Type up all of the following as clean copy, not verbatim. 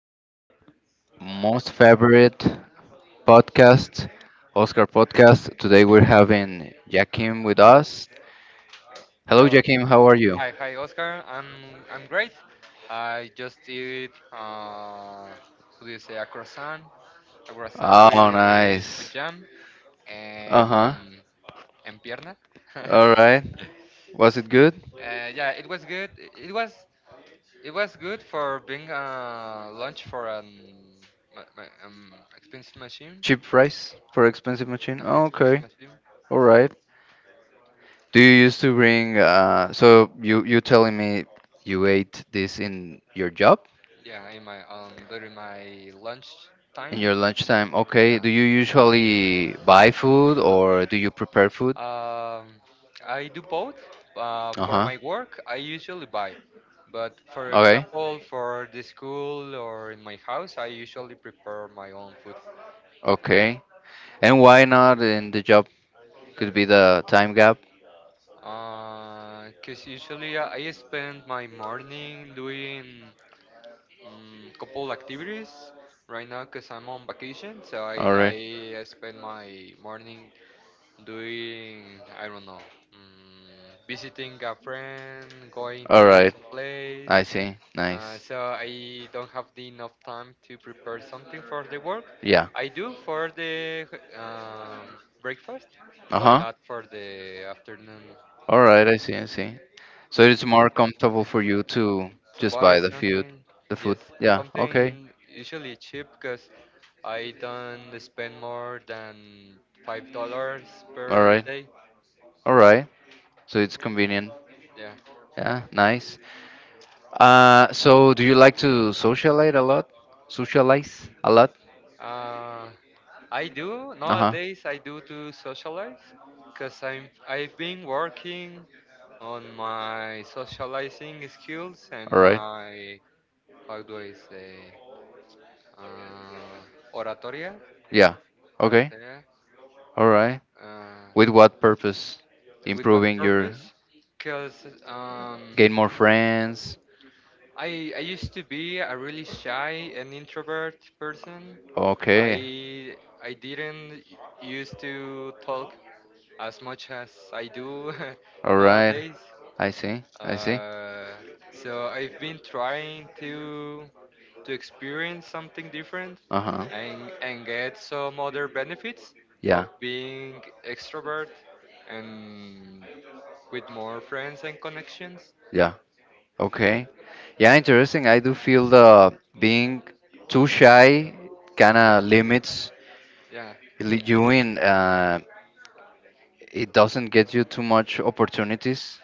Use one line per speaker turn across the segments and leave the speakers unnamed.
to your most favorite podcast, Oscar podcast. Today we're having Jakim with us. Hello,
Hello.
Jakim. How are you?
Hi, hi, Oscar. I'm great. I just eat what do you say, a croissant with
Oh, nice.
jam
Uh huh.
and pierna.
All right. Was it good?
Yeah, it was good. It was good for being lunch for an my expensive machine.
Cheap price for expensive machine? Oh, okay.
machine.
All right. Do you used to bring? So you telling me you ate this in your job?
Yeah, in my during my lunch time.
In your lunchtime, okay. Do you usually buy food or do you prepare food?
Um, I do both.
Uh
For
huh.
my work, I usually buy. But for
Okay.
example, for the school or in my house, I usually prepare my own food.
Okay. And why not in the job? Could be the time gap.
Because usually I spend my morning doing couple activities. Right now, because I'm on vacation, so I,
All right.
I spend my morning doing, I don't know, um, visiting a friend, going
All
to
right.
some place.
I see. Nice.
So I don't have the enough time to prepare something for the work.
Yeah.
I do for the breakfast,
Uh
but
huh.
not for the afternoon.
All right, I see, I see. So it's more comfortable for you to
To
just
buy
buy the food,
something,
the
yes,
food. Yeah, okay.
something usually cheap because I don't spend more than $5
All
per
right.
day.
All right. So it's convenient.
Yeah.
Yeah, nice. So do you like to socialize a lot? Socialize a lot?
Uh, I do
Uh-huh.
nowadays. I do to socialize, cause I've been working on my socializing skills and
All right.
my how do I say uh, oratoria.
Yeah. Okay.
Yeah.
All right.
Uh,
With what purpose?
with what
Improving your
purpose? Because
gain more friends.
I used to be a really shy and introvert person.
Okay.
I I didn't used to talk as much as I do
All right.
nowadays.
I see. I see.
Uh, so I've been trying to experience something different
Uh huh.
and get some other benefits of
Yeah.
being extrovert and with more friends and connections.
Yeah. Okay. Yeah, interesting. I do feel the being too shy kind of limits
Yeah.
you in. It doesn't get you too much opportunities.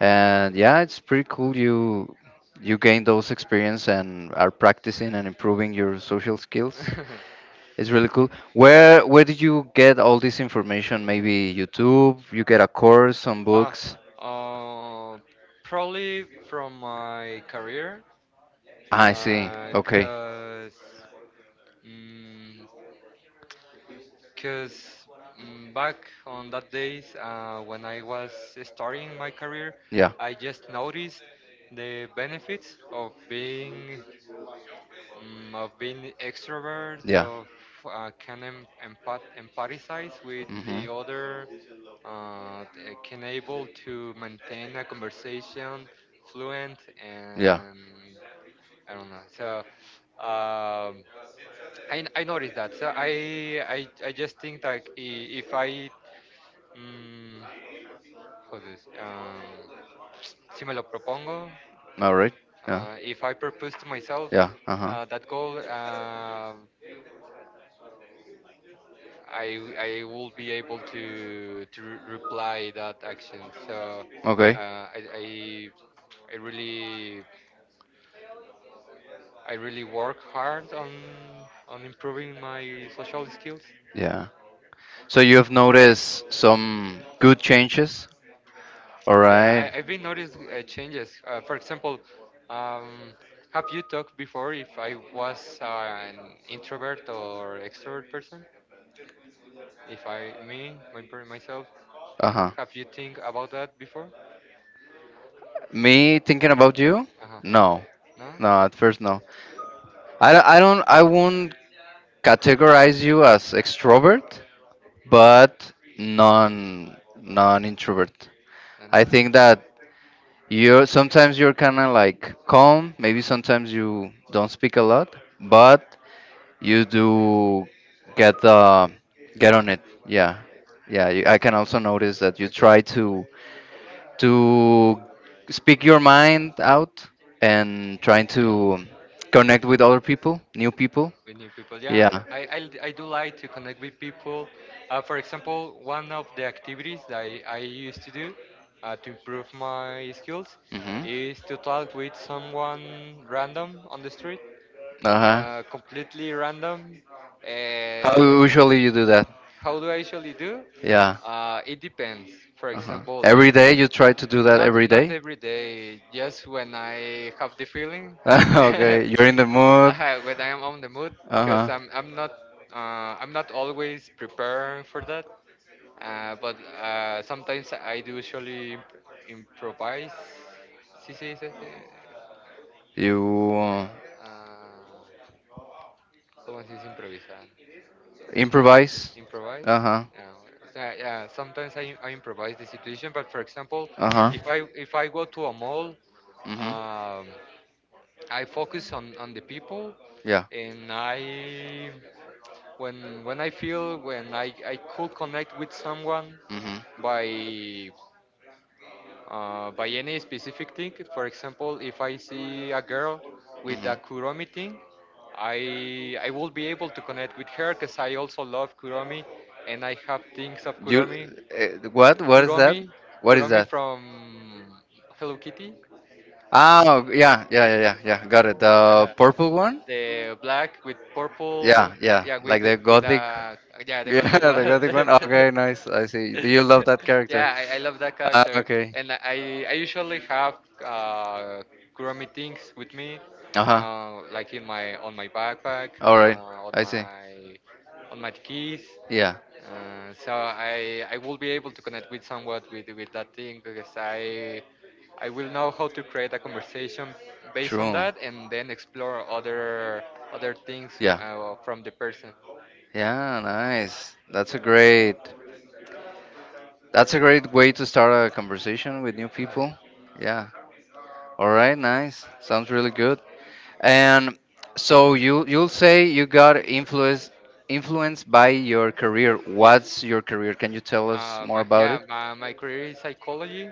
And yeah, it's pretty cool you gain those experience and are practicing and improving your social skills. It's really cool. Where did you get all this information? Maybe YouTube, you get a course, some
ah,
books.
uh, probably from my career,
Ah, I see. Okay.
because Because back on that days when I was starting my career,
Yeah.
I just noticed the benefits of being of being extrovert,
Yeah.
of can empathize with
Hmm,
the other, can able to maintain a conversation fluent
yeah.
and I don't know. So um, I noticed that. So I just think like if I Mm, how Um, si me lo propongo,
All right. Yeah.
if I propose to myself
Yeah. Uh huh.
that goal, I will be able to reply that action. So uh,
Okay.
I, I I really I really work hard on improving my social skills.
Yeah. So you have noticed some good changes? All
Yeah,
right.
I've been noticed changes. For example, um, have you talked before if I was an introvert or extrovert person? If I, me, my, per- myself,
Uh huh.
have you think about that before?
Me thinking about you?
Uh-huh.
No,
No?
no. At first, no. I don't. I won't categorize you as extrovert, but non introvert.
And
I think that You're sometimes you're kind of like calm. Maybe sometimes you don't speak a lot, but you do get uh, get on it. Yeah, yeah. I can also notice that you try to speak your mind out and trying to connect with other people, new people.
with new people, yeah,
Yeah.
I do like to connect with people. For example, one of the activities that I used to do to improve my skills
Mhm.
is to talk with someone random on the street,
Uh huh.
completely random.
How
uh,
usually you do that?
how do I usually do?
Yeah.
It depends. For
Uh huh.
example,
Every day you try to do that every
not
day.
every day, just when I have the feeling.
Okay, you're in the mood.
When I'm on the mood
Uh
because
huh.
I'm not always prepared for that. But Sometimes I do usually improvise. Sí, sí, sí, sí.
You
Uh, ¿Cómo se dice improvisar?
improvise.
Improvise.
Uh huh.
Yeah, so, yeah. Sometimes I improvise the situation, but for example,
Uh huh.
if I go to a mall,
Mhm.
um, I focus on the people
Yeah.
and I when I feel when I could connect with someone
Mhm.
by by any specific thing. For example, if I see a girl with a Kuromi
Mhm.
thing, I will be able to connect with her because I also love Kuromi and I have things of
You, what?
Kuromi
What?
Kuromi from Hello Kitty,
Oh, yeah, yeah, yeah, yeah, yeah. Got it.
uh,
The purple one?
the black with purple, yeah, with a yeah the
gothic
gothic
the one.
one.
Gothic one. Okay, nice. I see. Do you love that
Yeah, I love that,
character,
character,
okay.
okay. And I usually have uh, crew meetings with me,
Uh huh.
uh like in my on my backpack,
All right.
uh, on
I see.
my on my keys.
Yeah.
So I will be able to connect with somewhat with that thing because I will know how to create a conversation based on
True.
that, and then explore other things
Yeah.
from the person.
Yeah, nice. That's a great way to start a conversation with new
Uh-huh.
people. Yeah. All right, nice. Sounds really good. And so you you'll say you got influenced by your career. What's your career? Can you tell us more about
Yeah,
it?
my career is psychology.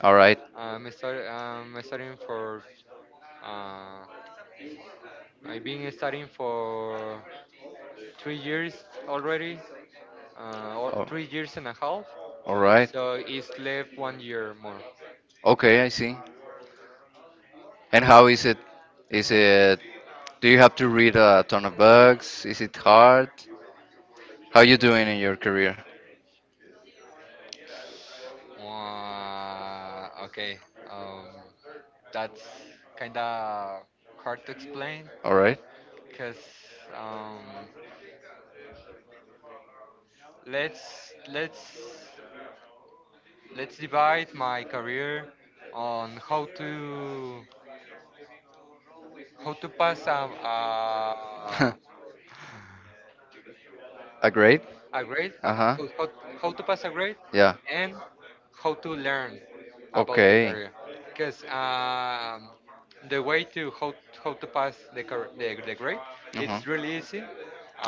All right.
I'm studying, uh, I've been studying for 3 years already, or
Oh,
3 years and a half.
all right.
So it's left one year more.
Okay, I see. And how is it? Is it? Do you have to read a ton of books? Is it hard? How you doing in your career?
Mm, okay, um, that's kind of hard to explain
All right.
because um, let's let's let's divide my career on how to pass a,
A grade?
a grade,
Uh
haha,
huh.
how to pass a grade,
Yeah.
and how to learn about the
Okay.
career. Because the way to how to pass the grade,
Uh huh.
it's really easy.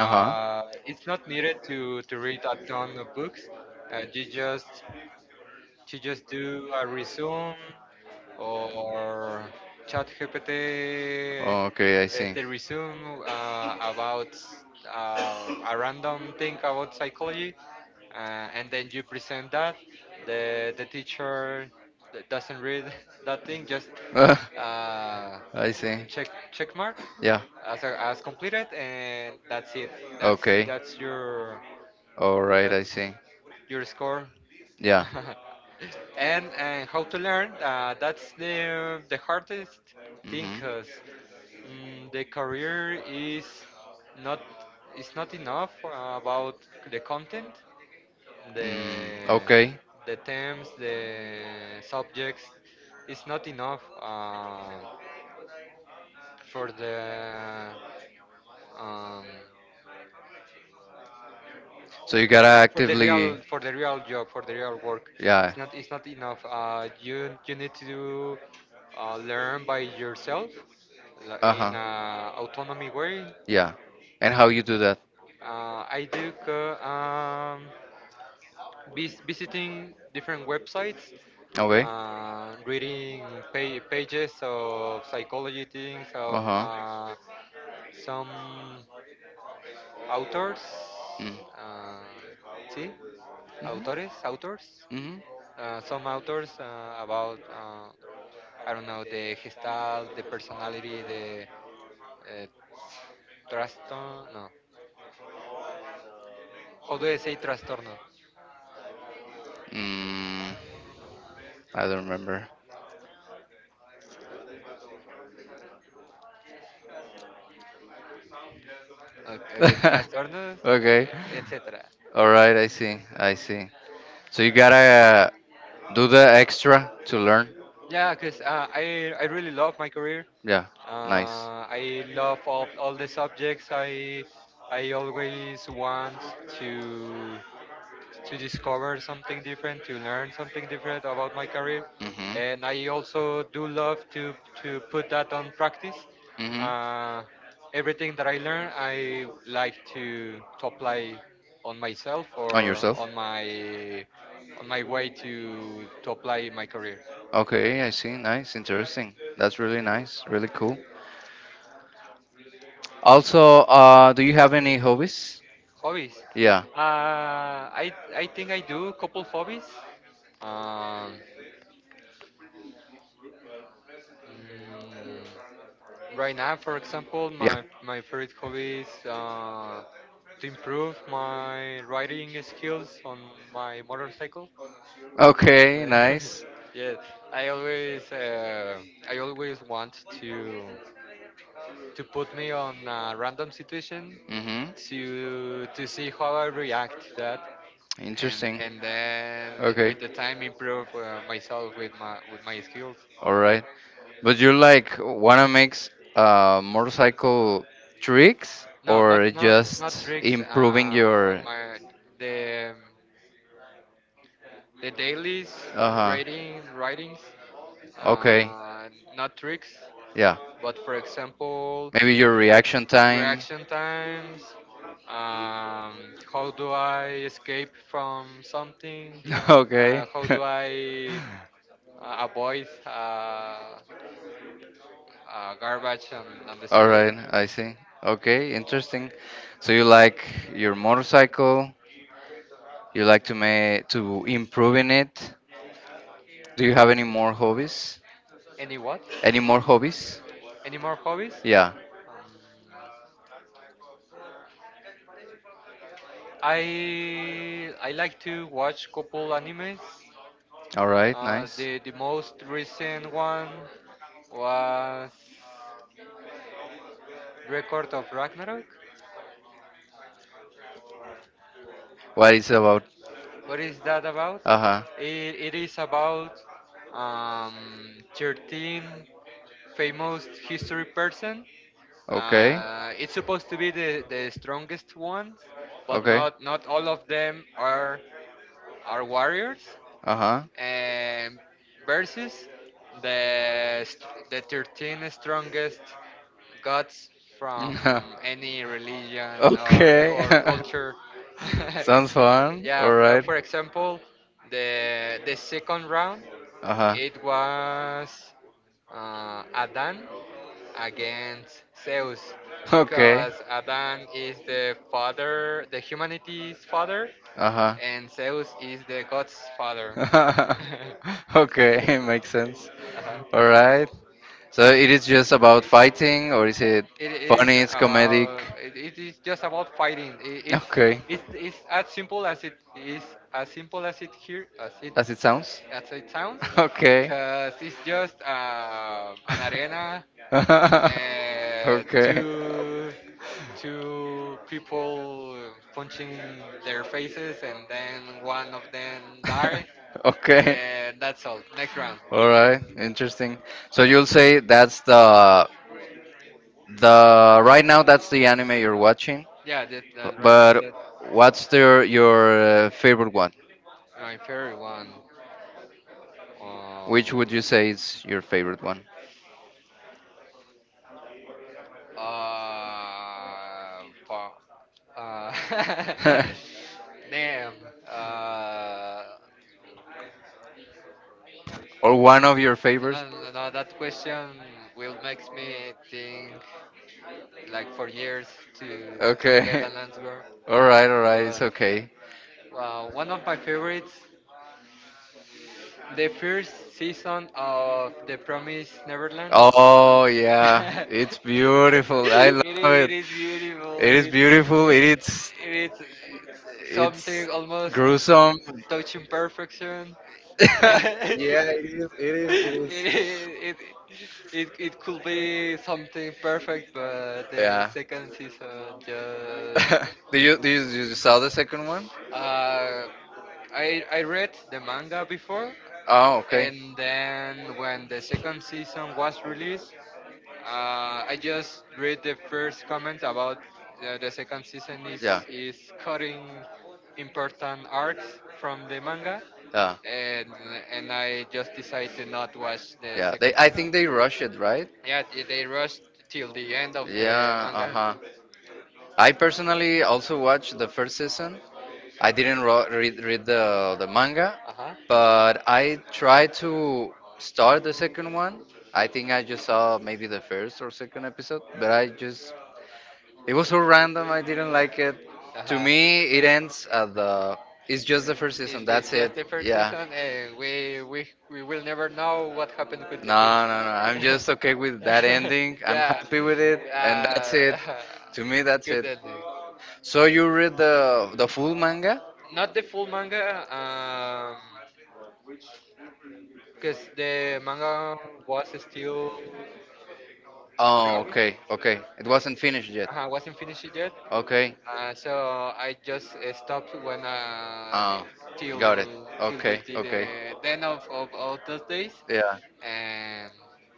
Uh huh.
It's not needed to read a ton of books. Uh, you just you just do a resume or ChatGPT
Okay, I
is
see.
the resume about a random thing about psychology, uh, and then you present that. The teacher doesn't read that thing, just
Ah,
uh,
I see.
check mark
Yeah.
as completed, and that's it.
Okay.
That's
All right. I see.
your score.
Yeah.
And how to learn, that's the hardest thing
Mhm.
because the career is not enough about the content, the
Mm, okay.
terms, the subjects, it's not enough for the um,
So you gotta actively.
for the real job for the real work.
Yeah.
It's not enough. You need to learn by yourself,
Uh
in
huh.
a autonomy way.
Yeah. And how you do that?
uh, i do co- um, visiting different websites,
Okay.
reading pages of psychology things
Uh
of
huh.
some authors,
Mm.
uh, see
Mhm.
autores, autors,
Mhm.
some authors about I don't know, the gestalt, the personality, the uh, trastorno. No, how do I say trastorno?
Mm. I don't remember.
Okay, okay, trastornos,
Okay.
etc.
All right. I see. I see. So you gotta do the extra to learn.
Yeah, because I really love my career.
Yeah. Nice.
I love all the subjects. I always want to. to discover something different, to learn something different about my career.
Hmm,
And
hmm.
I also do love to put that on practice. Uh, Everything that I learn, I like to apply on myself
On
or
yourself?
on my way to apply in my career.
Okay, I see. Nice, interesting. That's really nice, really cool. Also, do you have any hobbies?
Hobbies.
Yeah,
I think I do couple hobbies. Um, mm, Right now, for example, my favorite hobby is to improve my riding skills on
yeah.
my motorcycle.
Okay,
Uh,
nice.
yes, I always uh, I always want to put me on a random situation
Mm-hmm.
to see how I react to that, and
Interesting.
then
Okay.
with the time improve myself with my skills.
All right. But you like wanna make motorcycle tricks,
No,
or
not
just
tricks.
improving your?
My the the dailies,
Uh huh.
writings,
Okay.
uh, not tricks,
Yeah.
but for example,
Maybe your reaction time.
reaction times. How do I escape from something?
Okay.
How do I avoid, garbage on the
All
street?
right, I see. Okay, interesting. So you like your motorcycle? You like to improve in it? Do you have any more hobbies?
Any what?
Any more hobbies?
Any more hobbies?
Yeah.
Um, I like to watch couple animes.
All right, nice.
The most recent one was Record of Ragnarok.
What is about?
What is that about?
Uh huh.
It, it is about 13 famous history person.
Okay.
It's supposed to be the strongest ones, but
Okay.
not all of them are warriors.
Uh huh.
And versus the 13 strongest gods from any religion or
Okay.
culture.
Sounds fun.
Yeah,
All right.
for example, the second round
Uh huh.
it was Adan against Zeus,
Okay.
because Adan is the father, the humanity's father,
Uh huh.
and Zeus is the god's father.
Okay, makes sense.
Uh-huh.
All right. So it is just about fighting, or is it funny? It's comedic.
It is just about fighting.
Okay,
It's as simple as simple as it
as it sounds.
sounds,
Okay.
because it's just an arena,
Okay.
two people punching their faces and then one of them die.
Okay.
That's all. Next round.
All right, interesting. So you'll say that's the anime you're watching,
Yeah,
b-
that right now,
but
that.
what's your favorite one?
My favorite one. Uh,
Which would you say is your favorite one?
uh, pa- uh, Damn. Uh,
Or one of your favorites?
no, no, no, that question will makes me think like for years to get
Okay.
an answer.
All right, it's
But
okay.
one of my favorites, the first season of The Promised Neverland.
Oh yeah,
it,
it's beautiful. I love
it
it.
is beautiful.
It is beautiful.
It,
It is
it's something almost
gruesome.
touching perfection.
Yeah, it is. It is. It
it,
is.
it, it could be something perfect, but the
Yeah.
second season just.
You saw the second one?
Uh, I read the manga before,
Oh, okay.
and then when the second season was released, I just read the first comment about the second season is
Yeah.
cutting important arcs from the manga,
Yeah.
and I just decided to not watch the
Yeah. They.
second
I
season.
think they rush it, right?
Yeah, they rushed till the end of the Yeah.
Yeah. Uh
manga.
huh. I personally also watched the first season. I didn't read the manga,
Uh-huh. Uh huh.
but I tried to start the second one. I think I just saw maybe the first or second episode, but I just it was so random. I didn't like it.
Uh
To
huh.
me, it ends at the. It's just the first
It's
season. That's it.
just the first
Yeah.
season, and we will never know what happened with the
No,
kids.
no, no. I'm just okay with that ending. I'm
Yeah,
happy with it, and that's it.
uh,
To me, that's
good
it.
ending.
So you read the full manga?
Not the full manga, because the manga was still
Oh,
drawing,
okay, okay. It wasn't finished yet.
wasn't finished yet.
Okay.
So I just stopped when
Oh,
till
got it.
till
Okay,
the
okay.
then of all those days,
Yeah.
and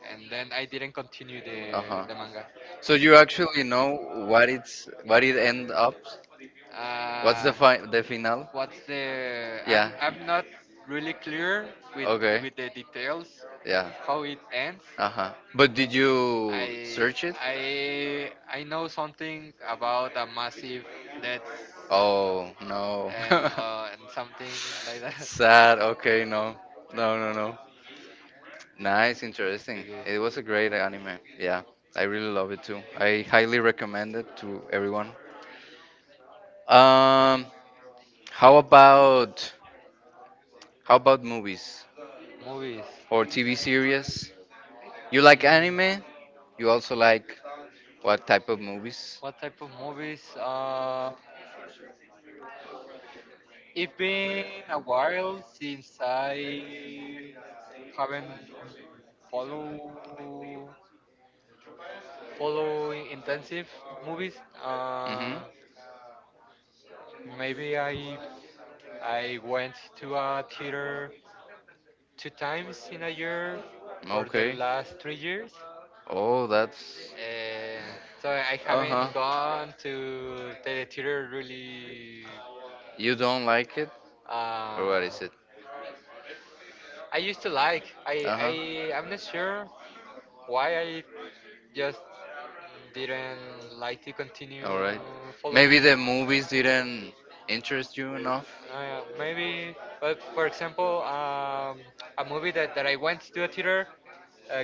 then I didn't continue
Uh
the
huh.
manga.
So you actually know what it end up? What's
Uh,
the final?
what's the
Yeah.
I'm not really clear with
Okay.
the details
Yeah.
how it ends.
Uh huh. But did you
I
search it?
I I know something about a massive death
Oh no.
and something like that.
Sad. Okay. No. No. No. No. Nice, interesting.
Okay,
It was a great anime. Yeah, I really love it too. I highly recommend it to everyone. Um, how about how about movies
movies.
or TV series? You like
Mm,
anime? You also like what type of movies?
what type of movies? It's been a while since I haven't follow follow intensive movies.
Mhm.
Maybe I went to a theater two times in a year for the
Okay.
last 3 years.
Oh, that's.
Uh, so I
Uh huh.
haven't gone to the theater really.
You don't like it?
Uh,
Or what is it?
I used to like. I
Uh
I
huh.
I'm not sure why I just didn't like to continue.
All right.
Maybe
Maybe
following.
the movies didn't interest you enough.
Maybe, but for example, a movie that I went to a theater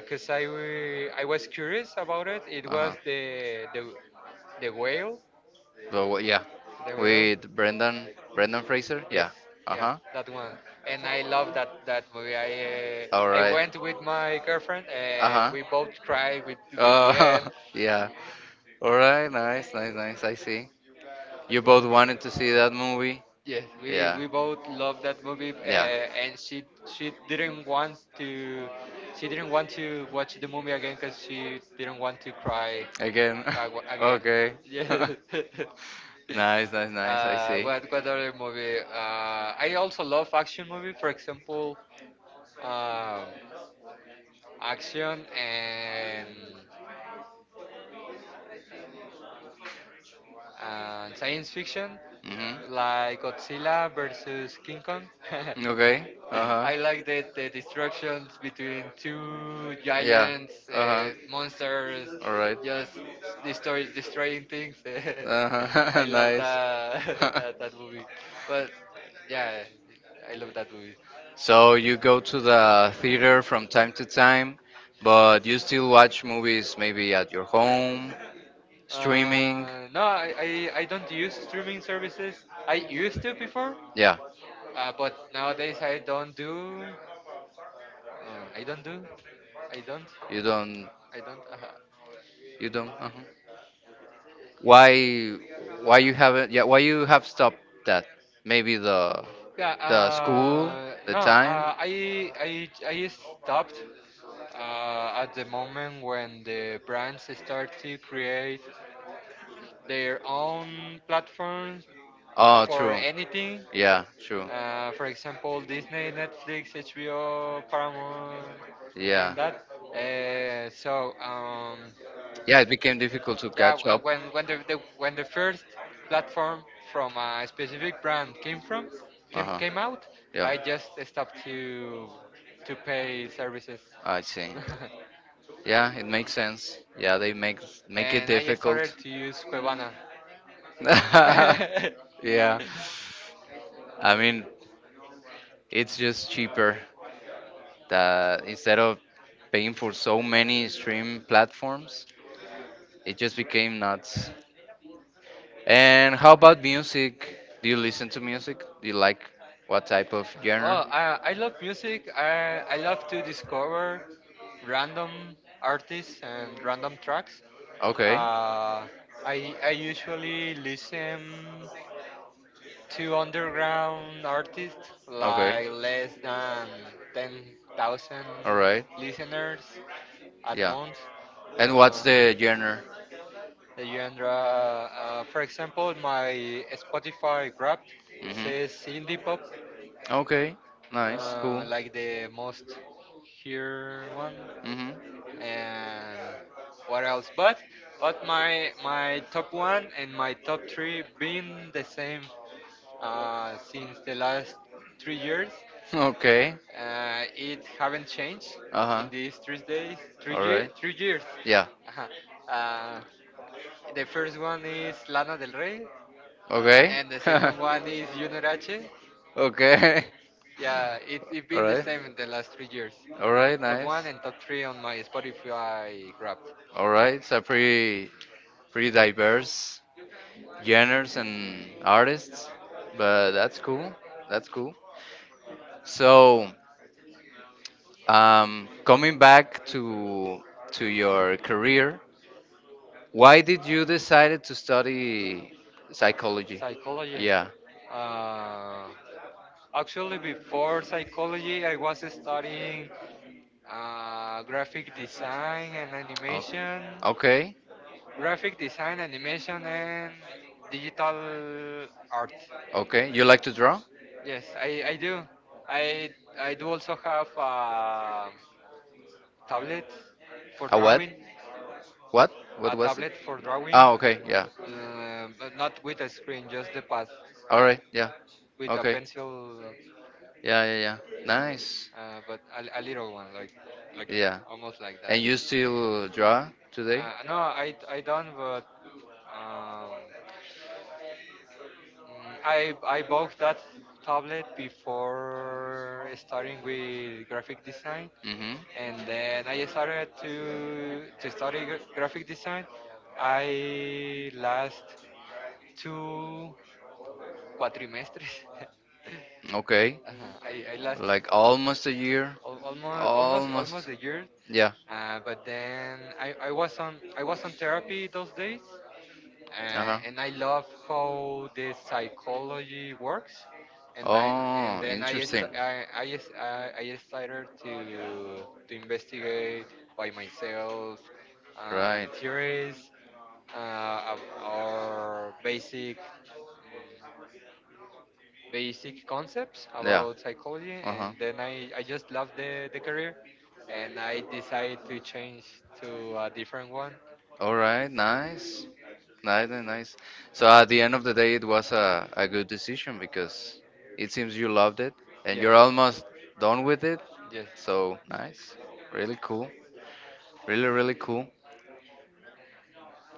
because I was curious about it. It
Uh
was
huh.
the Whale.
So yeah,
The Whale?
with Brendan Fraser.
Yes,
Yeah. Uh
yeah,
huh.
that one. And I love that movie. I
All right.
went
Uh,
with my girlfriend. Huh.
huh.
We both cried with the end.
Oh, yeah. All right. Nice, nice, nice. I see. You both wanted to see that movie.
Yes, we
Yeah.
we both love that movie.
Yeah.
And she didn't want to watch the movie again because she didn't want to cry
Again.
again.
Okay.
Okay. Yeah.
Nice, nice, nice. I see.
What other movie? I also love action movie. For example, um, action and science fiction,
Mhm.
like Godzilla versus King Kong.
Okay. Uh huh.
I like the destructions between two
Yeah.
giants,
Uh huh.
monsters.
All right.
Right. Just destroying things. I
Uh huh.
love
Nice.
that movie. But yeah, I love that movie.
So you go to the theater from time to time, but you still watch movies maybe at your home, streaming.
No, I don't use streaming services. I used to before,
Yeah.
but nowadays I don't do. I don't do. I don't.
You don't.
I don't.
You don't. Why? Why you haven't? Yeah. Why you have stopped that? Maybe the
Yeah.
the school, the
No.
time.
I stopped. At the moment when the brands start to create their own platforms
Oh,
for
true.
anything.
Yeah, true.
For example, Disney, Netflix, HBO, Paramount, and
Yeah.
that. So
Yeah, it became difficult to
yeah,
catch up.
when the first platform from a specific brand came from
Uh
came
huh.
came out.
Yeah.
I just stopped to pay services.
I see. Yeah, it makes sense. Yeah, they make make it
And I
difficult.
started to use
Hard
Cuevana.
to use. Yeah. I mean, it's just cheaper that instead of paying for so many stream platforms, it just became nuts. And how about music? Do you listen to music? Do you like what type of genre?
Oh, I love music. I love to discover random artists and random tracks.
Okay.
Uh, I usually listen to underground artists
Okay.
like less than 10,000,
All
All
right.
right. listeners at yeah,
Yeah.
month. And
And
what's,
what's the
The genre?
genre? The
The genre, for example, my Spotify Wrapped says
Mhm.
indie pop.
Okay. Nice. Cool.
Like the most here one,
Mhm.
and what else? But my top one and my top three been the same since the last 3 years.
Okay.
It haven't changed
Uh huh.
in these
All right.
3 years.
Yeah.
Ajá. Uh, the first one is Lana del Rey,
Okay.
and the second one is Junior H.
Okay.
Yeah, it's
All
been the
right.
same in the last 3 years.
All right.
Top
Nice.
one and top three on my Spotify Wrapped.
All right. It's a pretty pretty diverse genres and artists, but that's cool. That's cool. So, coming back to your career, why did you decide to study psychology?
Psychology.
Yeah.
Uh, Actually, before
Before.
psychology, I was studying graphic design and
O-
animation,
Okay.
graphic design, animation, and digital art.
Okay. You like to draw?
Yes, I do. I I do also have. Tablet for
A what?
drawing,
What? A What
a
was it?
tablet for drawing.
Ah, okay. Yeah.
Yeah, but not with a screen, just the pad
All right. Yeah.
with a
Okay.
pencil,
Yeah, yeah, yeah. Nice.
but a little one, like
Yeah.
almost like that.
And you still draw
Draw?
today?
No, I don't, but um, I bought that tablet before starting with graphic design,
Mm-hmm.
and then I started to study graphic design. I last two quatrimestres.
Okay.
I lost
Like almost a year.
almost
Almost.
a year.
Yeah.
But then I was on therapy those days,
Uh huh.
and I love how the psychology works. And then and
Oh,
then I
interesting.
st- I, s- I started to investigate by myself
Right.
theories, or basic concepts
Yeah.
about psychology,
Uh
and
huh.
then I just love the career, and I decided to change to a different one.
All right. Nice. Nice and nice. So at the end of the day, it was a good decision because it seems you loved it and
Yeah,
you're almost done with it.
yes.
So nice. Really cool. Really, really cool.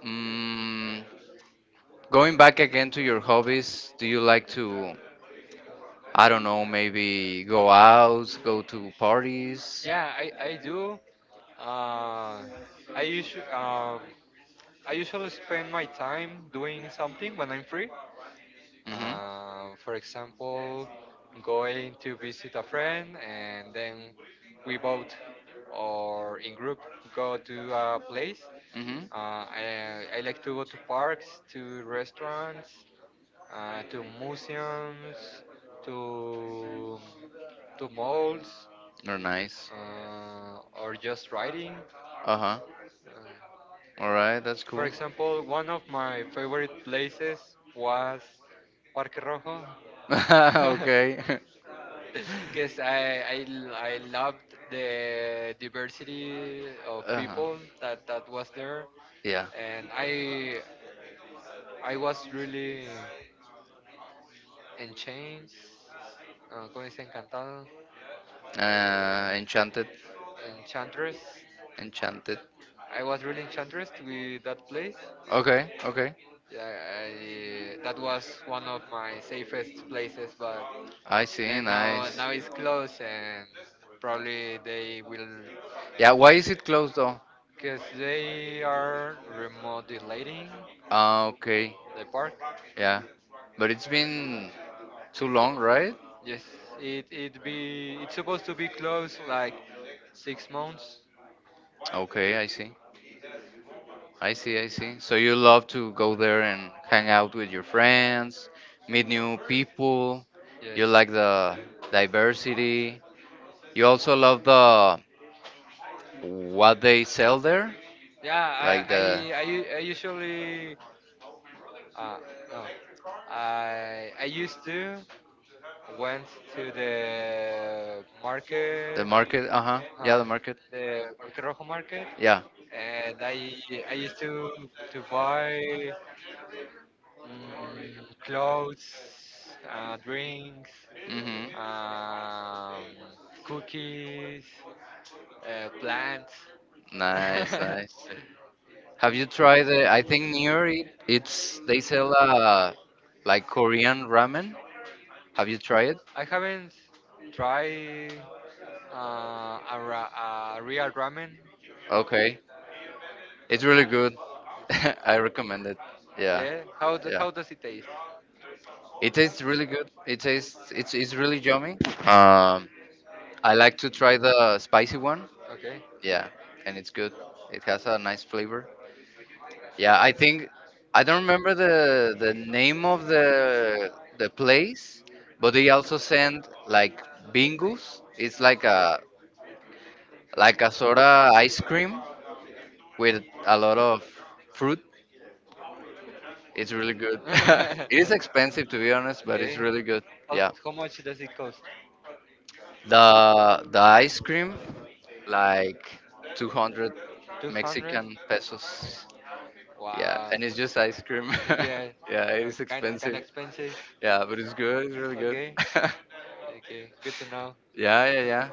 Mm, going back again to your hobbies, do you like to? I don't know, maybe go out, go to parties.
Yeah, I do. Uh, I usually um, I usually spend my time doing something when I'm free.
Mhm. Mhm.
For example, going to visit a friend and then we both or in group go to a place. I like to go to parks, to restaurants, to museums, to to malls,
They're nice.
or just riding.
Uh huh.
Uh,
All right, that's cool.
for example, one of my favorite places was Parque Rojo.
Okay.
Because I loved the diversity of
Uh-huh.
people that was there,
Yeah.
and I was really enchanged. ¿Cómo dice encantado?
Enchanted.
Enchantress.
Enchanted.
I was really enchantress with that place.
Okay, okay.
Yeah, that was one of my safest places, but
I see,
then now
nice.
now it's closed and probably they will.
Yeah, why is it closed though?
Because they are remodelating
Ah, okay.
the park.
Yeah. But it's been too long, right?
Yes, it's supposed to be closed like 6 months.
Okay, I see. I see, I see. So you love to go there and hang out with your friends, meet new people.
Yes.
You like the diversity. You also love the what they sell there,
Yeah,
like the
I, u- I usually uh no, I used to went to the
the
market,
market. Uh huh. Yeah, the
uh,
market.
the Parque Rojo market,
Yeah.
and I used to buy, clothes, drinks,
Mhm.
um, cookies, plants.
Nice, nice. Have you tried the? I think near it, it's they sell like Korean ramen. Have you tried it?
I haven't tried a real ramen.
Okay, it's really good. I recommend it. Yeah,
Yeah,
yeah.
how does it taste?
It tastes really good. It tastes it's really yummy. Um, I like to try the spicy one.
Okay.
Yeah, and it's good. It has a nice flavor. Yeah, I think I don't remember the name of the place, but they also send like bingus. It's like a soda ice cream with a lot of fruit. It's really good. It
Okay.
is expensive to be honest, but it's really good.
How,
Yeah.
how much does it cost?
The ice cream like 200
200.
Mexican pesos. Yeah,
Wow.
and it's just ice cream.
Yeah.
Yeah, it
It's
is
kind of
expensive.
expensive.
Yeah, but it's good. It's really good.
Okay. Okay. Good to know.
Yeah, yeah, yeah.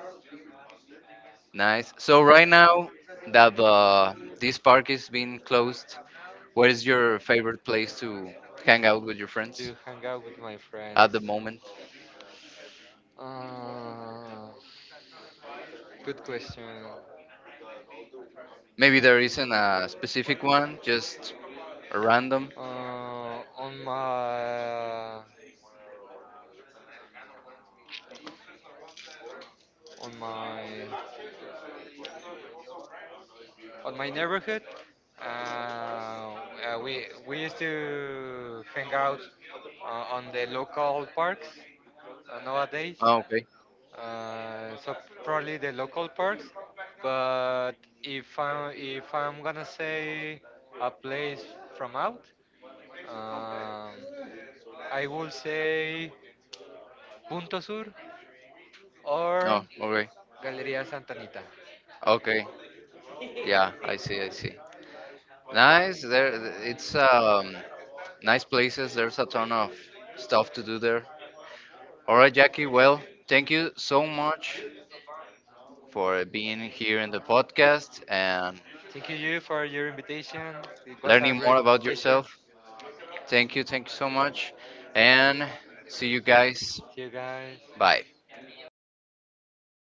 Nice. So right now that the this park is being closed, what is your favorite place to hang out with your friends
To hang out with my at
at
the
the
friends
moment?
moment? Good question.
Maybe there isn't a specific one, just a random.
Uh, on my on my on my neighborhood. We used to hang out on the local parks nowadays.
Oh, okay.
So probably the local parks. But if I'm gonna say a place from out, um, I will say Punto Sur or
Oh, okay.
Galeria Santa Anita.
Okay. Yeah, I see. I see. Nice. There, it's nice places. There's a ton of stuff to do there. All right, Jackie. Well, thank you so much for being here in the podcast and
Thank you for your invitation. It was a
learning
great
more about
pleasure.
yourself. Thank you so much, and see you guys.
See you guys.
Bye.